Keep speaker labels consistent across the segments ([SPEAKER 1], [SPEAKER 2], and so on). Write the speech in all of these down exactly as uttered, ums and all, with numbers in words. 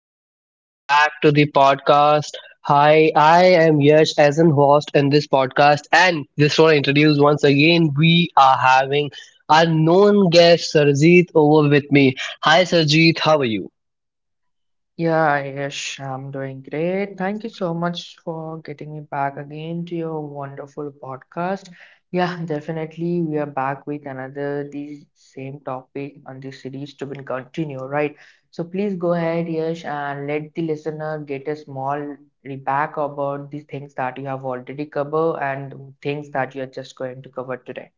[SPEAKER 1] guys. Welcome back to the podcast. Hi, I am Yash as an host in this podcast. And just want to introduce once again, we are having our known guest, Sarjeet, over with me. Hi, Sarjeet. How are you?
[SPEAKER 2] Yeah, Yash, I'm doing great. Thank you so much for getting me back again to your wonderful podcast. Yeah, definitely. We are back with another the same topic on the series to be continue, right? So please go ahead, Yash, and let the listener get a small recap about the things that you have already covered and things that you are just going to cover today.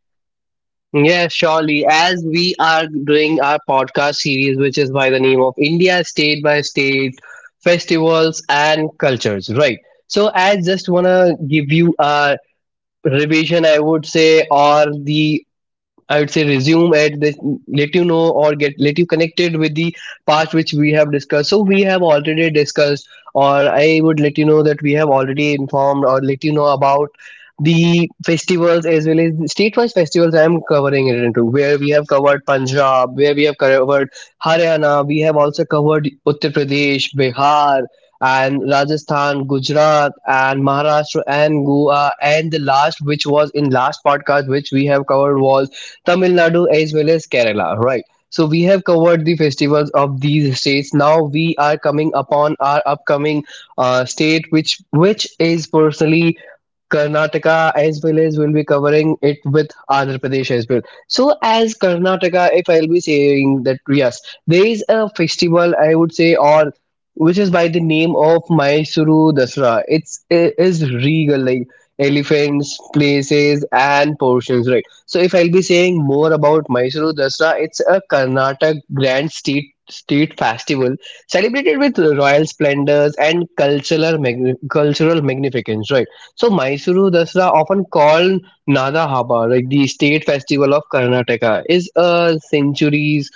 [SPEAKER 1] Yes, surely. As we are doing our podcast series, which is by the name of India State by State Festivals and Cultures, right? So, I just want to give you a revision, I would say, or the I would say resume at this, let you know or get let you connected with the part which we have discussed. So we have already discussed, or I would let you know that we have already informed or let you know about the festivals as well as the state-wise festivals. I am covering it into where we have covered Punjab, where we have covered Haryana, we have also covered Uttar Pradesh, Bihar. And Rajasthan, Gujarat, and Maharashtra, and Goa, and the last, which was in last podcast, which we have covered was Tamil Nadu as well as Kerala, right? So we have covered the festivals of these states. Now we are coming upon our upcoming uh, state, which which is personally Karnataka as well as we'll be covering it with Andhra Pradesh as well. So as Karnataka, if I'll be saying that yes, there is a festival I would say or which is by the name of Mysuru Dasra. It's it is regal like elephants, places and portions, right? So if I'll be saying more about Mysuru Dasra, it's a Karnataka grand state state festival celebrated with royal splendors and cultural magni- cultural magnificence, right? So Mysuru Dasra, often called Nada Haba, like the state festival of Karnataka, is a centuries-old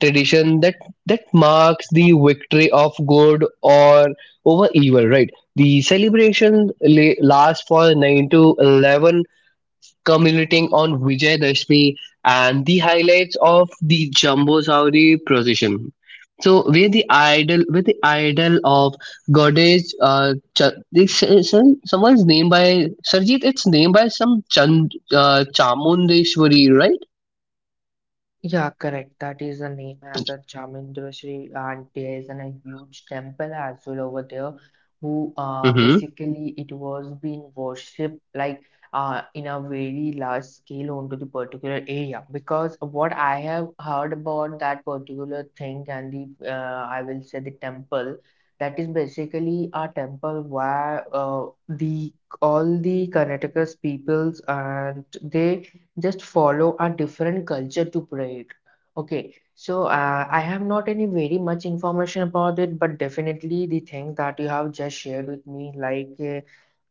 [SPEAKER 1] tradition that that marks the victory of good or over evil. Right. The celebration la- lasts for nine to eleven, culminating on Vijayadashmi and the highlights of the Jambusavri procession. So where the idol, where the idol of goddess, uh, Ch- this is some- someone's name by Sarjit. It's named by some Chand, uh, Chamundeshwari,
[SPEAKER 2] Yeah, correct. That is the name as a Chamundeshwari, and there is an, a huge temple as well over there. Who uh,
[SPEAKER 1] right?
[SPEAKER 2] basically it was being worshipped like uh, in a very large scale onto the particular area because what I have heard about that particular thing and the uh, I will say the temple that is basically a temple where uh, the all the Karnataka's peoples and they just follow a different culture to pray it. Okay, so uh, I have not any very much information about it, but definitely the thing that you have just shared with me, like uh,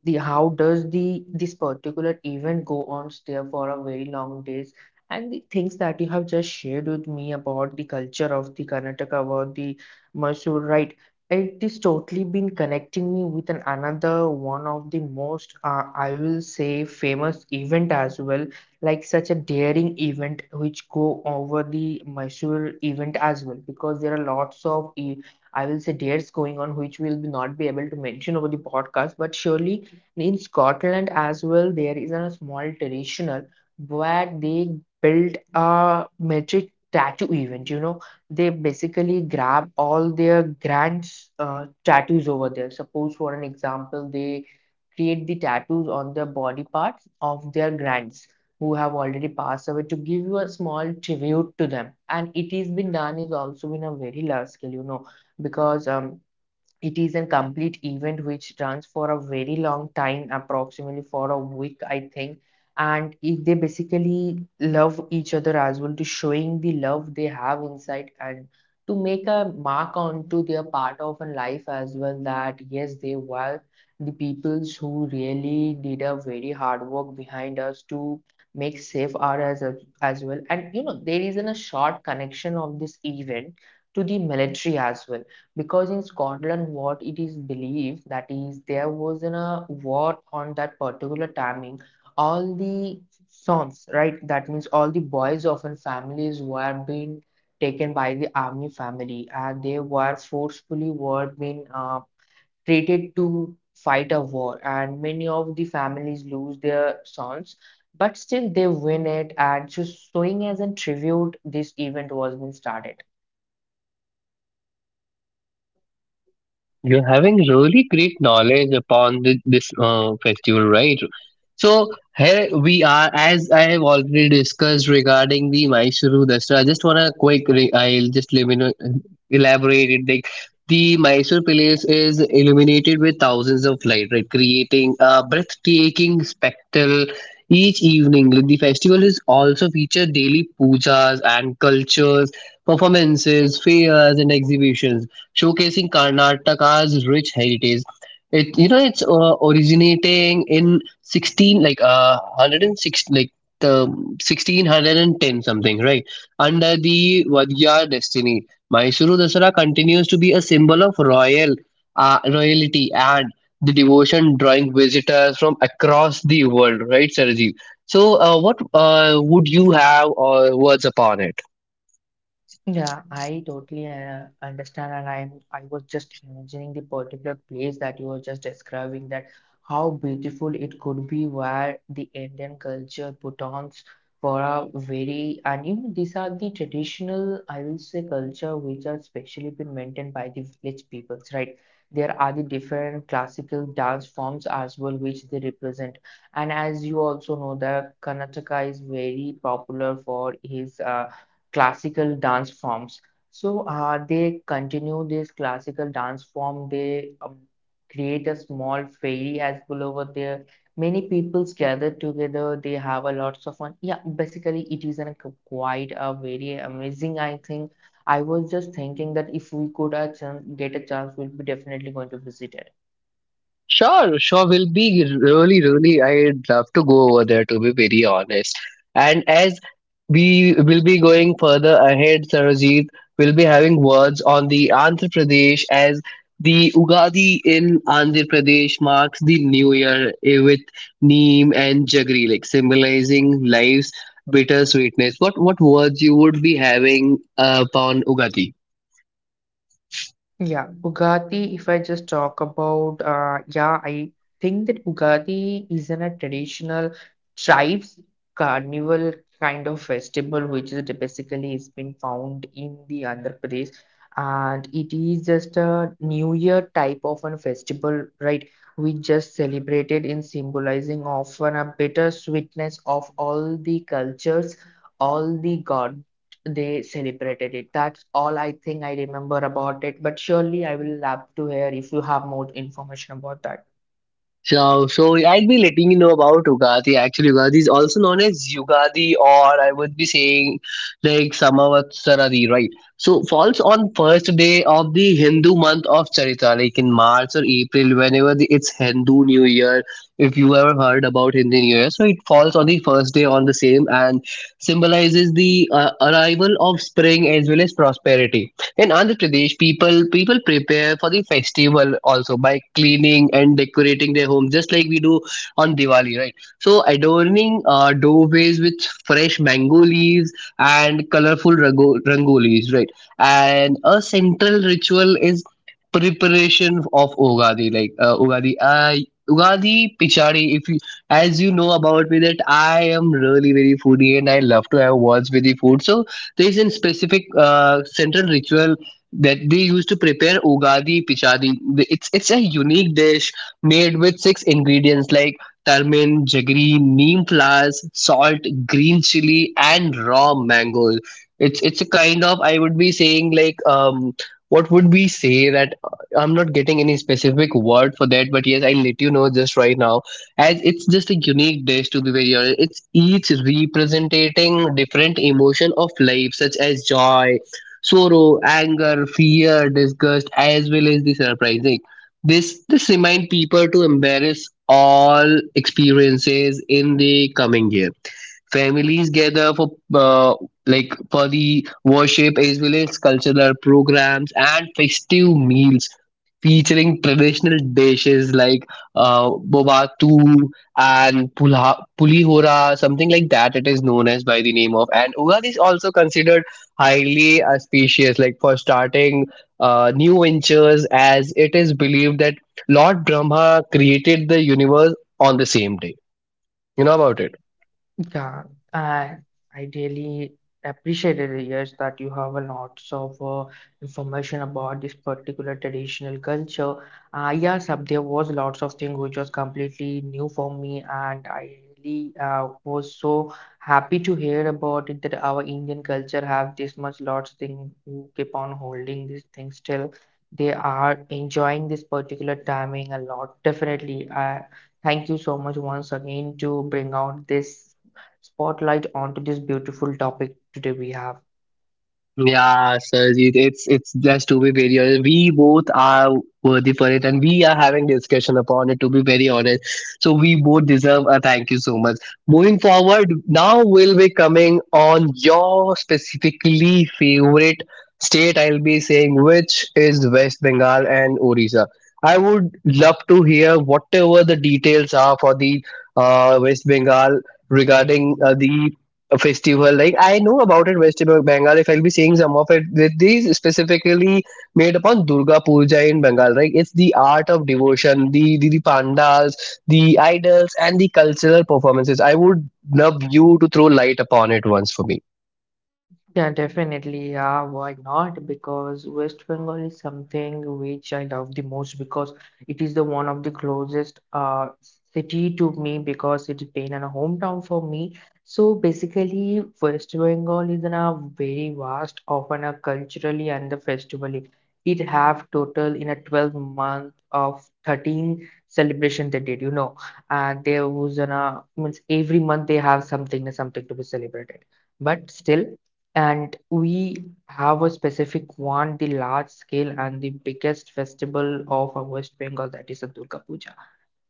[SPEAKER 2] the how does the this particular event go on there for a very long days, and the things that you have just shared with me about the culture of the Karnataka, about the Mysore, right? It is totally been connecting me with an another one of the most uh, I will say famous event as well like such a daring event which go over the Mysore event as well because there are lots of e- I will say dares going on which we'll be not be able to mention over the podcast, but surely in Scotland as well there is a small traditional where they build a metric tattoo event, you know. They basically grab all their grand uh, tattoos over there. Suppose for an example, they create the tattoos on their body parts of their grands who have already passed away to give you a small tribute to them, and it has been done is also been a very large scale, you know, because um it is a complete event which runs for a very long time, approximately for a week, I think. And it, they basically love each other as well to showing the love they have inside and to make a mark onto their part of a life as well that yes, they were the peoples who really did a very hard work behind us to make safe our as, as well. And you know, there is a short connection of this event to the military as well because in Scotland, what it is believed that is there was in a war on that particular timing. All the sons, right? That means all the boys of an families were being taken by the army family, and they were forcefully were being uh, treated to fight a war. And many of the families lose their sons, but still they win it. And just showing as a tribute, this event was being started.
[SPEAKER 1] You're having really great knowledge upon the, this uh, festival, right? So here we are, as I have already discussed regarding the Mysuru Dasra. I just wanna quick, re- I'll just limino- elaborate it. Like the Mysore Palace is illuminated with thousands of light, right, creating a breathtaking spectacle each evening. Like, the festival is also featured daily pujas and cultures, performances, fairs, and exhibitions showcasing Karnataka's rich heritage. It you know it's uh, originating in sixteen, like uh one hundred six, like the sixteen ten something, right, under the Vadya Dynasty. Mysuru Dasara continues to be a symbol of royal uh, royalty and the devotion, drawing visitors from across the world, right, Sarajeev? So, uh, what uh, would you have uh, words upon it?
[SPEAKER 2] Yeah, I totally uh, understand, and I'm I was just imagining the particular place that you were just describing, that how beautiful it could be where the Indian culture put on for a very, and even these are the traditional I will say culture which are specially been maintained by the village peoples, right? There are the different classical dance forms as well which they represent, and as you also know that Karnataka is very popular for his uh, classical dance forms. So uh, they continue this classical dance form. They um, create a small fairy as well over there. Many peoples gather together. They have a lots of fun. Yeah, basically it is an, q- quite a very amazing. I think I was just thinking that if we could a chance, get a chance, we'll be definitely going to visit it.
[SPEAKER 1] Sure, sure. Will be really, really. I'd love to go over there, to be very honest. And as we will be going further ahead, Sarojit, will be having words on the Andhra Pradesh, as the Ugadi in Andhra Pradesh marks the new year, eh, with neem and jaggery, like symbolizing life's bitter sweetness. What what words you would be having uh, upon Ugadi?
[SPEAKER 2] Yeah, Bugatti, if I just talk about, uh, yeah, I think that Bugatti isn't a traditional tribes carnival kind of festival, which is basically has been found in the Andhra Pradesh, and it is just a New Year type of a festival, right? We just celebrated in symbolizing often a bitter sweetness of all the cultures, all the god they celebrated it. That's all I think I remember about it. But surely I will love to hear if you have more information about that.
[SPEAKER 1] So, so I'll be letting you know about Ugadi. Actually, Ugadi is also known as Yugadi, or I would be saying like Samavatsaradi, right? So, falls on first day of the Hindu month of Charitra, like in March or April, whenever the, it's Hindu New Year. If you ever heard about Hindi New Year, so it falls on the first day on the same and symbolizes the uh, arrival of spring as well as prosperity. In Andhra Pradesh, people people prepare for the festival also by cleaning and decorating their home, just like we do on Diwali, right? So adorning uh, doorways with fresh mango leaves and colorful rango- rangolis, right? And a central ritual is preparation of Ugadi, like uh, Ugadi. I Ugadi Pichadi, if you, as you know about me, that I am really very foodie and I love to have words with the food. So there is a specific uh, central ritual that they use to prepare ugadi pichadi. It's it's a unique dish made with six ingredients like turmeric, jaggery, neem flowers, salt, green chili, and raw mango. It's it's a kind of, I would be saying, like um what would we say that, uh, I'm not getting any specific word for that, but yes, I'll let you know just right now, as it's just a unique dish, to be very honest. It's each representing different emotion of life, such as joy, sorrow, anger, fear, disgust, as well as the surprising. This this remind people to embrace all experiences in the coming year. Families gather for uh, like for the worship, as well as cultural programs and festive meals featuring traditional dishes like uh, bobatu and pulha- pulihora, something like that. It is known as by the name of. And Ugadi is also considered highly auspicious, like for starting uh, new ventures, as it is believed that Lord Brahma created the universe on the same day. You know about it.
[SPEAKER 2] Yeah, I I really appreciated, yes, that you have a lots of uh, information about this particular traditional culture. Uh, yes, uh, there was lots of things which was completely new for me, and I really uh, was so happy to hear about it, that our Indian culture have this much lots thing who keep on holding this thing still. They are enjoying this particular timing a lot. Definitely, I thank you so much once again to bring out this spotlight onto this beautiful topic today we have.
[SPEAKER 1] Yeah, Sarjeet, it's it's just, to be very honest, we both are worthy for it, and we are having discussion upon it. To be very honest, so we both deserve a thank you so much. Moving forward, now we'll be coming on your specifically favorite state. I'll be saying, which is West Bengal and Orissa. I would love to hear whatever the details are for the uh, West Bengal regarding uh, the a festival. Like I know about it, West Bengal. If I'll be seeing some of it, th- these specifically made upon Durga Puja in Bengal. Right, it's the art of devotion, the the, the pandals, the idols, and the cultural performances. I would love you to throw light upon it once for me.
[SPEAKER 2] Yeah, definitely. Yeah, why not? Because West Bengal is something which I love the most because it is the one of the closest uh city to me because it's been a hometown for me. So basically, West Bengal is in a very vast, often a culturally and the festivally. It have total in a twelve month of thirteen celebration they did, you know. And there was an uh, means every month they have something something to be celebrated. But still. And we have a specific one, the large scale and the biggest festival of our West Bengal, that is a Durga Puja.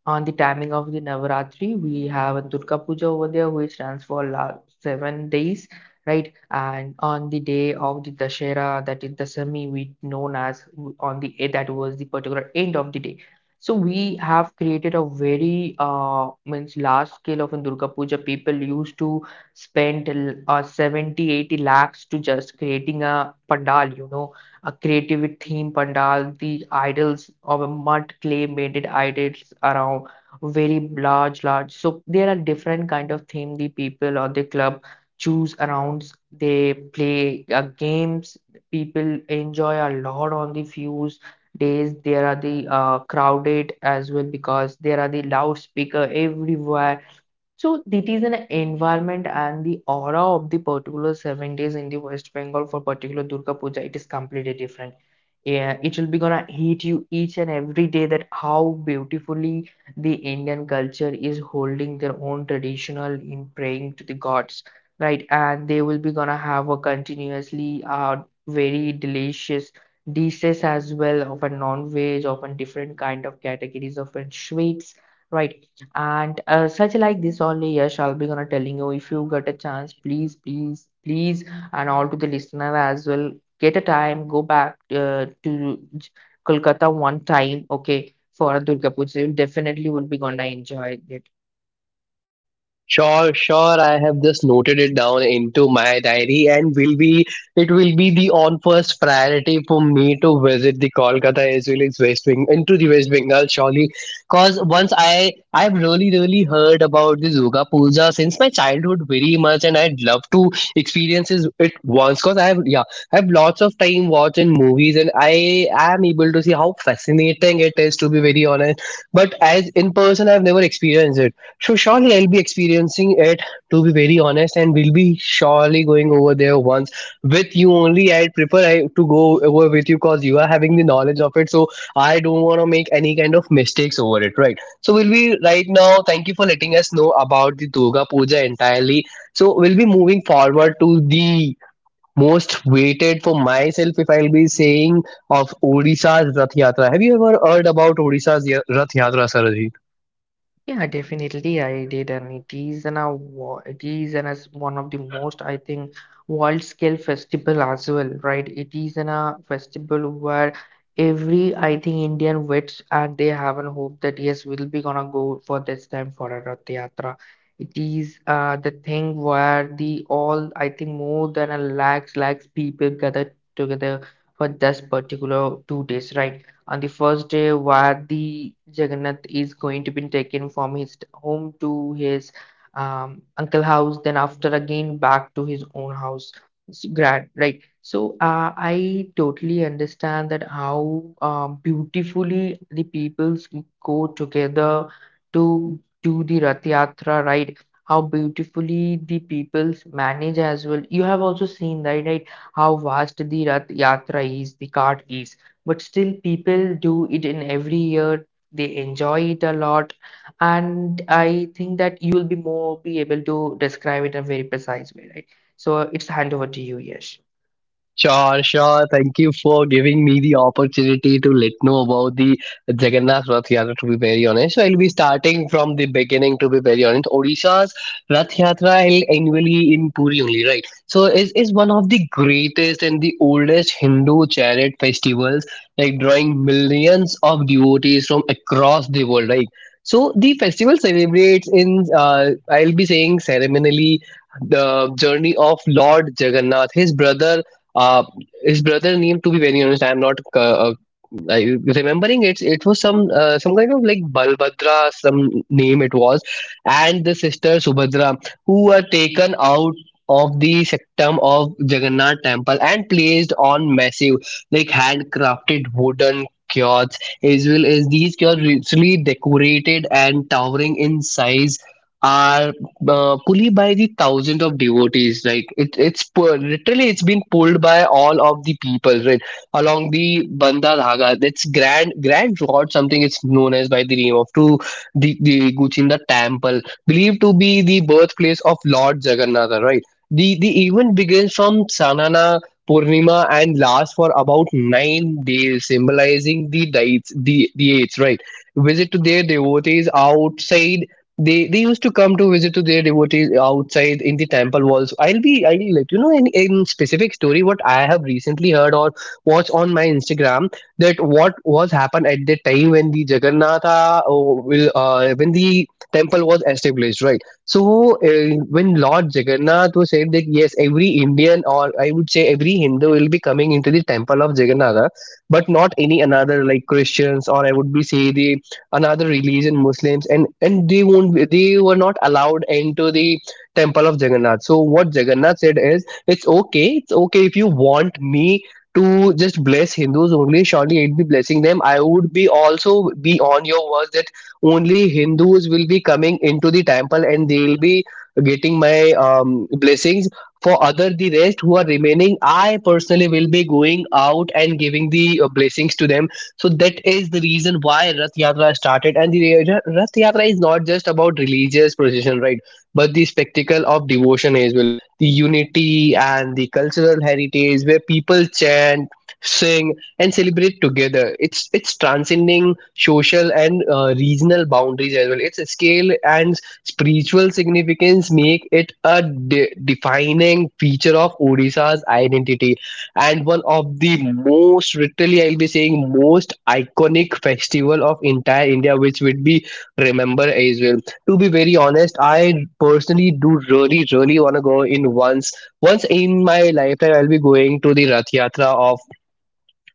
[SPEAKER 2] On the timing of the Navaratri, we have a Durga Puja over there, which runs for la seven days, right? And on the day of the Dashera, that is Dasami, we known as on the eh, that was the particular end of the day. So we have created a very uh means large scale of a Durga Puja. People used to spend uh, seventy, eighty lakhs to just creating a pandal, you know, a creative theme pandal, the idols of a mud clay made it idols around very large, large. So there are different kind of theme the people or the club choose around. They play uh, games. People enjoy a lot on the fuse days. There are the uh, crowded as well because there are the loudspeaker everywhere, so that is an environment and the aura of the particular seven days in the West Bengal for particular Durga Puja. It is completely different. Yeah, it will be gonna hit you each and every day, that how beautifully the Indian culture is holding their own traditional in praying to the gods, right? And they will be gonna have a continuously uh very delicious dishes as well of a non-veg, of a different kind of categories of uh, sweets. Right, and uh, such like this only, yes, I'll be gonna telling you, if you get a chance, please, please, please, and all to the listener as well. Get a time, go back uh, to J- Kolkata one time, okay, for Durga Puja. You definitely will be gonna enjoy it.
[SPEAKER 1] Sure, sure. I have just noted it down into my diary, and will be, it will be the on first priority for me to visit the Kolkata as well as West Bengal into the West Bengal surely. Cause once I I've really really heard about this Durga Puja since my childhood very much, and I'd love to experience is- it once. Cause I have, yeah, I have lots of time watching movies, and I am able to see how fascinating it is, to be very honest. But as in person I've never experienced it, so surely I'll be experiencing it, to be very honest, and we'll be surely going over there once with you only. I'd prefer I, to go over with you, because you are having the knowledge of it, so I don't want to make any kind of mistakes over it, right? So we'll be right now. Thank you for letting us know about the Durga Puja entirely. So we'll be moving forward to the most waited for myself, if I'll be saying, of Odisha's Rath Yatra. Have you ever heard about Odisha's Ya- Rath Yatra, Saraji?
[SPEAKER 2] Yeah, definitely I did, and it is an a wo- it is an as one of the most I think world scale festival as well, right? It is an a festival where every I think Indian waits and they have an hope that yes, we'll be gonna go for this time for a Rath Yatra. It is uh the thing where the all I think more than a lakhs lakhs people gathered together for this particular two days, right? On the first day, Vadi Jagannath is going to be taken from his home to his um, uncle house, then after again back to his own house. It's grand, right? So uh, I totally understand that how um, beautifully the peoples go together to do the Rath Yatra, right? How beautifully the peoples manage as well. You have also seen, right, right, how vast the Rath Yatra is, the cart is, but still people do it in every year, they enjoy it a lot, and I think that you will be more be able to describe it in a very precise way, right? So it's hand over to you, Yash.
[SPEAKER 1] Sure, sure. Thank you for giving me the opportunity to let know about the Jagannath Rath Yatra. To be very honest, so I'll be starting from the beginning. To be very honest, Odisha's Rath Yatra, held annually in Puri only, right? So is is one of the greatest and the oldest Hindu chariot festivals, like drawing millions of devotees from across the world, right? So the festival celebrates in, uh, I'll be saying, ceremonially the journey of Lord Jagannath, his brother, uh his brother name, to be very honest, I am not uh, uh, I, remembering it. It was some, uh, some kind of like Balbhadra, some name it was, and the sister Subhadra, who were taken out of the sanctum of Jagannath temple and placed on massive like handcrafted wooden kiosks, as well as these kiosks, richly decorated and towering in size, are uh, pulley by the thousands of devotees. Like it, it's pu- literally it's been pulled by all of the people, right? Along the Bandha Dhaga, that's grand grand rod, something it's known as by the name of, to the the Guchinda Temple, believed to be the birthplace of Lord Jagannatha, right? The the event begins from Sanana Purnima and lasts for about nine days, symbolizing the dates, the, the eights, right? Visit to their devotees outside. They they used to come to visit to their devotees outside in the temple walls. I'll be, I'll let you know in, in specific story what I have recently heard or watched on my Instagram, that what was happened at the time when the Jagannatha, oh, will uh, when the temple was established, right? So, uh, when Lord Jagannath was said that yes, every Indian, or I would say every Hindu will be coming into the temple of Jagannatha, but not any another like Christians, or I would be say the another religion, Muslims, and and they won't be- they were not allowed into the temple of Jagannath. So what Jagannath said is, it's okay, it's okay, if you want me to just bless Hindus only, surely I'd be blessing them. I would be also be on your words that only Hindus will be coming into the temple and they'll be getting my um, blessings. For other the rest who are remaining, I personally will be going out and giving the uh, blessings to them. So that is the reason why Rath Yatra started. And the Ra- Rath Yatra is not just about religious procession, right? But the spectacle of devotion as well. The unity and the cultural heritage where people chant, sing, and celebrate together. It's it's transcending social and uh, regional boundaries as well. Its scale and spiritual significance make it a de- defining feature of Odisha's identity, and one of the most, literally I'll be saying, most iconic festival of entire India which would be remember as well. To be very honest, I personally do really really wanna go in once. Once in my lifetime I'll be going to the Rath Yatra of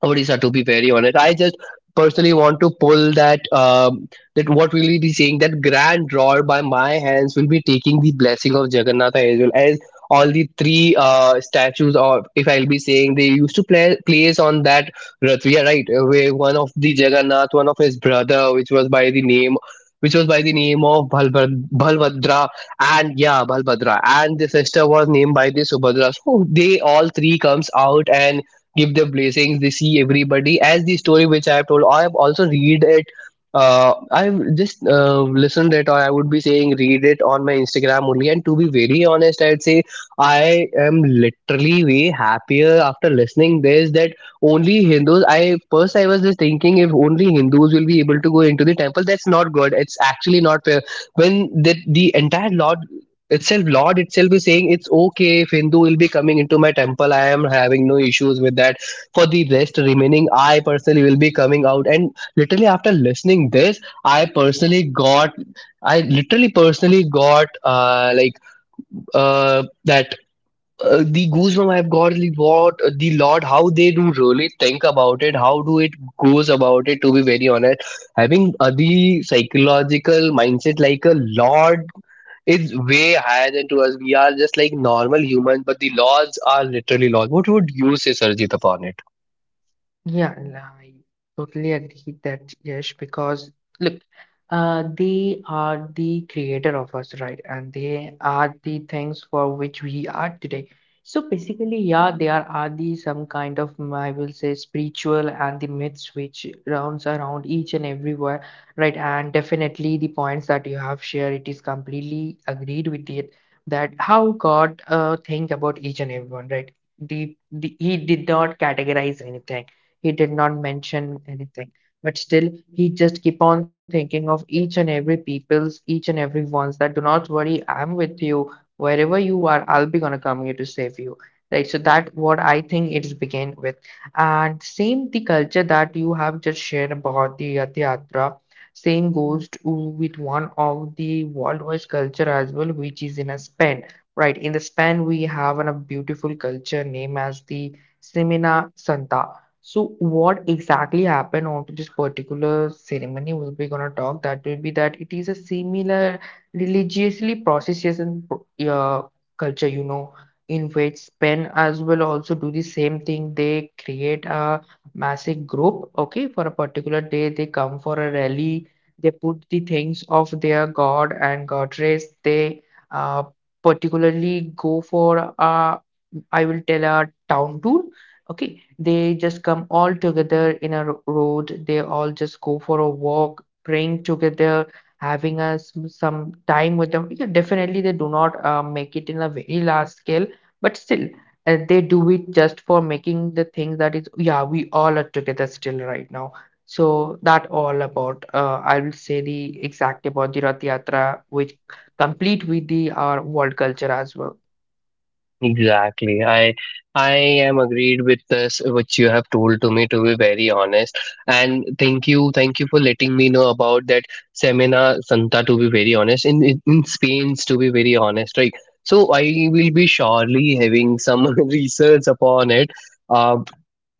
[SPEAKER 1] Odisha, to be very honest. I just personally want to pull that, um, that what will we be saying, that grand draw by my hands, will be taking the blessing of Jagannatha as well as all the three uh, statues, or if I'll be saying they used to play, place on that Ratviya, right? Uh, where one of the Jagannath, one of his brother, which was by the name which was by the name of Balbhad- Balbhadra. And yeah, Balbhadra, and the sister was named by the Subhadra. So they all three comes out and give their blessings. They see everybody. As the story which I have told, I have also read it. Uh, I've just uh, listened it, or I would be saying read it on my Instagram only. And to be very honest, I'd say I am literally way happier after listening this, that only Hindus. I first, I was just thinking, if only Hindus will be able to go into the temple. That's not good. It's actually not fair. When the the entire lot itself, lord itself is saying, it's okay if Hindu will be coming into my temple, I am having no issues with that. For the rest remaining, I personally will be coming out and literally after listening this, I personally got, I literally personally got uh, like uh, that uh, the goosebump I've got, like, what the Lord, how they do really think about it, how do it goes about it, to be very honest. Having uh, the psychological mindset like a Lord, it's way higher than to us. We are just like normal humans, but the laws are literally laws. What would you say, Sarjit, upon it?
[SPEAKER 2] Yeah, and I totally agree that yes, because look, uh, they are the creator of us, right? And they are the things for which we are today. So basically, yeah, they are, are the some kind of mm, I will say spiritual and the myths which rounds around each and everywhere, right? And definitely the points that you have shared, it is completely agreed with it, that how God uh, think about each and everyone, right? The, the he did not categorize anything, he did not mention anything. But still, he just keep on thinking of each and every people's, each and every ones that do not worry, I'm with you. Wherever you are, I'll be gonna come here to save you. Right. So that what I think it's begin with. And same the culture that you have just shared about the Rath Yatra, same goes to with one of the worldwide culture as well, which is in a Spain. Right, in the Spain we have an, a beautiful culture name as the Semana Santa. So what exactly happened onto this particular ceremony, we will be gonna talk, that will be that it is a similar religiously procession uh, culture, you know, in which Spain as well also do the same thing. They create a massive group, okay, for a particular day they come for a rally. They put the things of their god and goddess. They uh, particularly go for a, I will tell, a town tour, okay. They just come all together in a ro- road. They all just go for a walk, praying together, having us some time with them. Yeah, definitely, they do not uh, make it in a very large scale, but still, uh, they do it just for making the thing that is, yeah, we all are together still right now. So that all about uh, I will say the exact about the Rath Yatra, which complete with the our world culture as well.
[SPEAKER 1] Exactly. I I am agreed with this which you have told to me, to be very honest. And thank you, thank you for letting me know about that Semina Santa, to be very honest. In in, in Spain, to be very honest, right? So I will be surely having some research upon it. Um.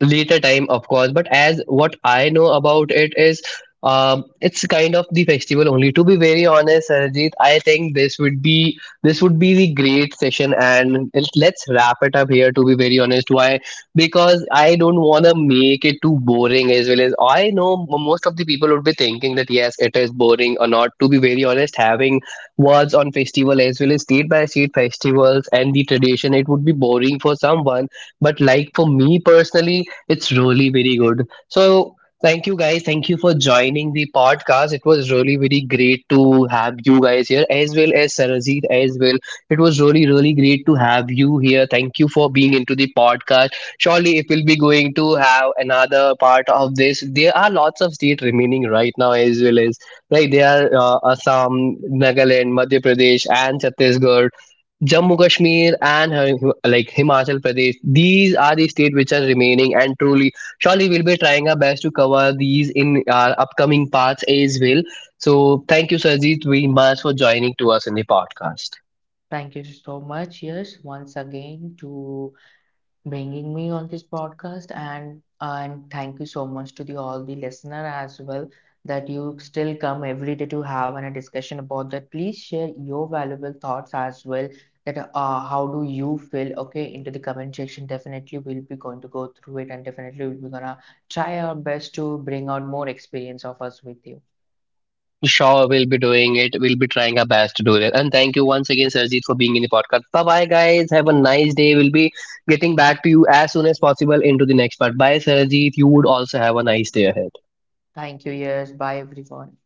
[SPEAKER 1] Later time, of course, but as what I know about it is, um, it's kind of the festival only, to be very honest. Sarajit, I think this would be, this would be the great session, and it- let's wrap it up here, to be very honest. Why? Because I don't want to make it too boring, as well as I know, m- most of the people would be thinking that yes, it is boring or not, to be very honest, having words on festival as well as state by state festivals and the tradition, it would be boring for someone, but like for me personally, it's really very good. So, thank you guys. Thank you for joining the podcast. It was really very great to have you guys here, as well as Sarajit as well. It was really, really great to have you here. Thank you for being into the podcast. Surely, if we'll be going to have another part of this, there are lots of state remaining right now, as well as, right, there are uh, Assam, Nagaland, Madhya Pradesh, and Chhattisgarh. Jammu Kashmir and Hi- like Himachal Pradesh. These are the states which are remaining, and truly, surely we'll be trying our best to cover these in our upcoming parts as well. So, thank you, Sarjeet, very much for joining to us in the podcast.
[SPEAKER 2] Thank you so much. Yes, once again to bringing me on this podcast, and and thank you so much to the all the listener as well, that you still come every day to have a discussion about that. Please share your valuable thoughts as well, that uh, how do you feel, okay, into the comment section. Definitely we'll be going to go through it, and definitely we'll be gonna try our best to bring out more experience of us with you.
[SPEAKER 1] Sure, we'll be doing it. We'll be trying our best to do it. And thank you once again, Sarjeet, for being in the podcast. Bye bye, guys. Have a nice day. We'll be getting back to you as soon as possible into the next part. Bye, Sarjeet. You would also have a nice day ahead.
[SPEAKER 2] Thank you. Yes, bye everyone.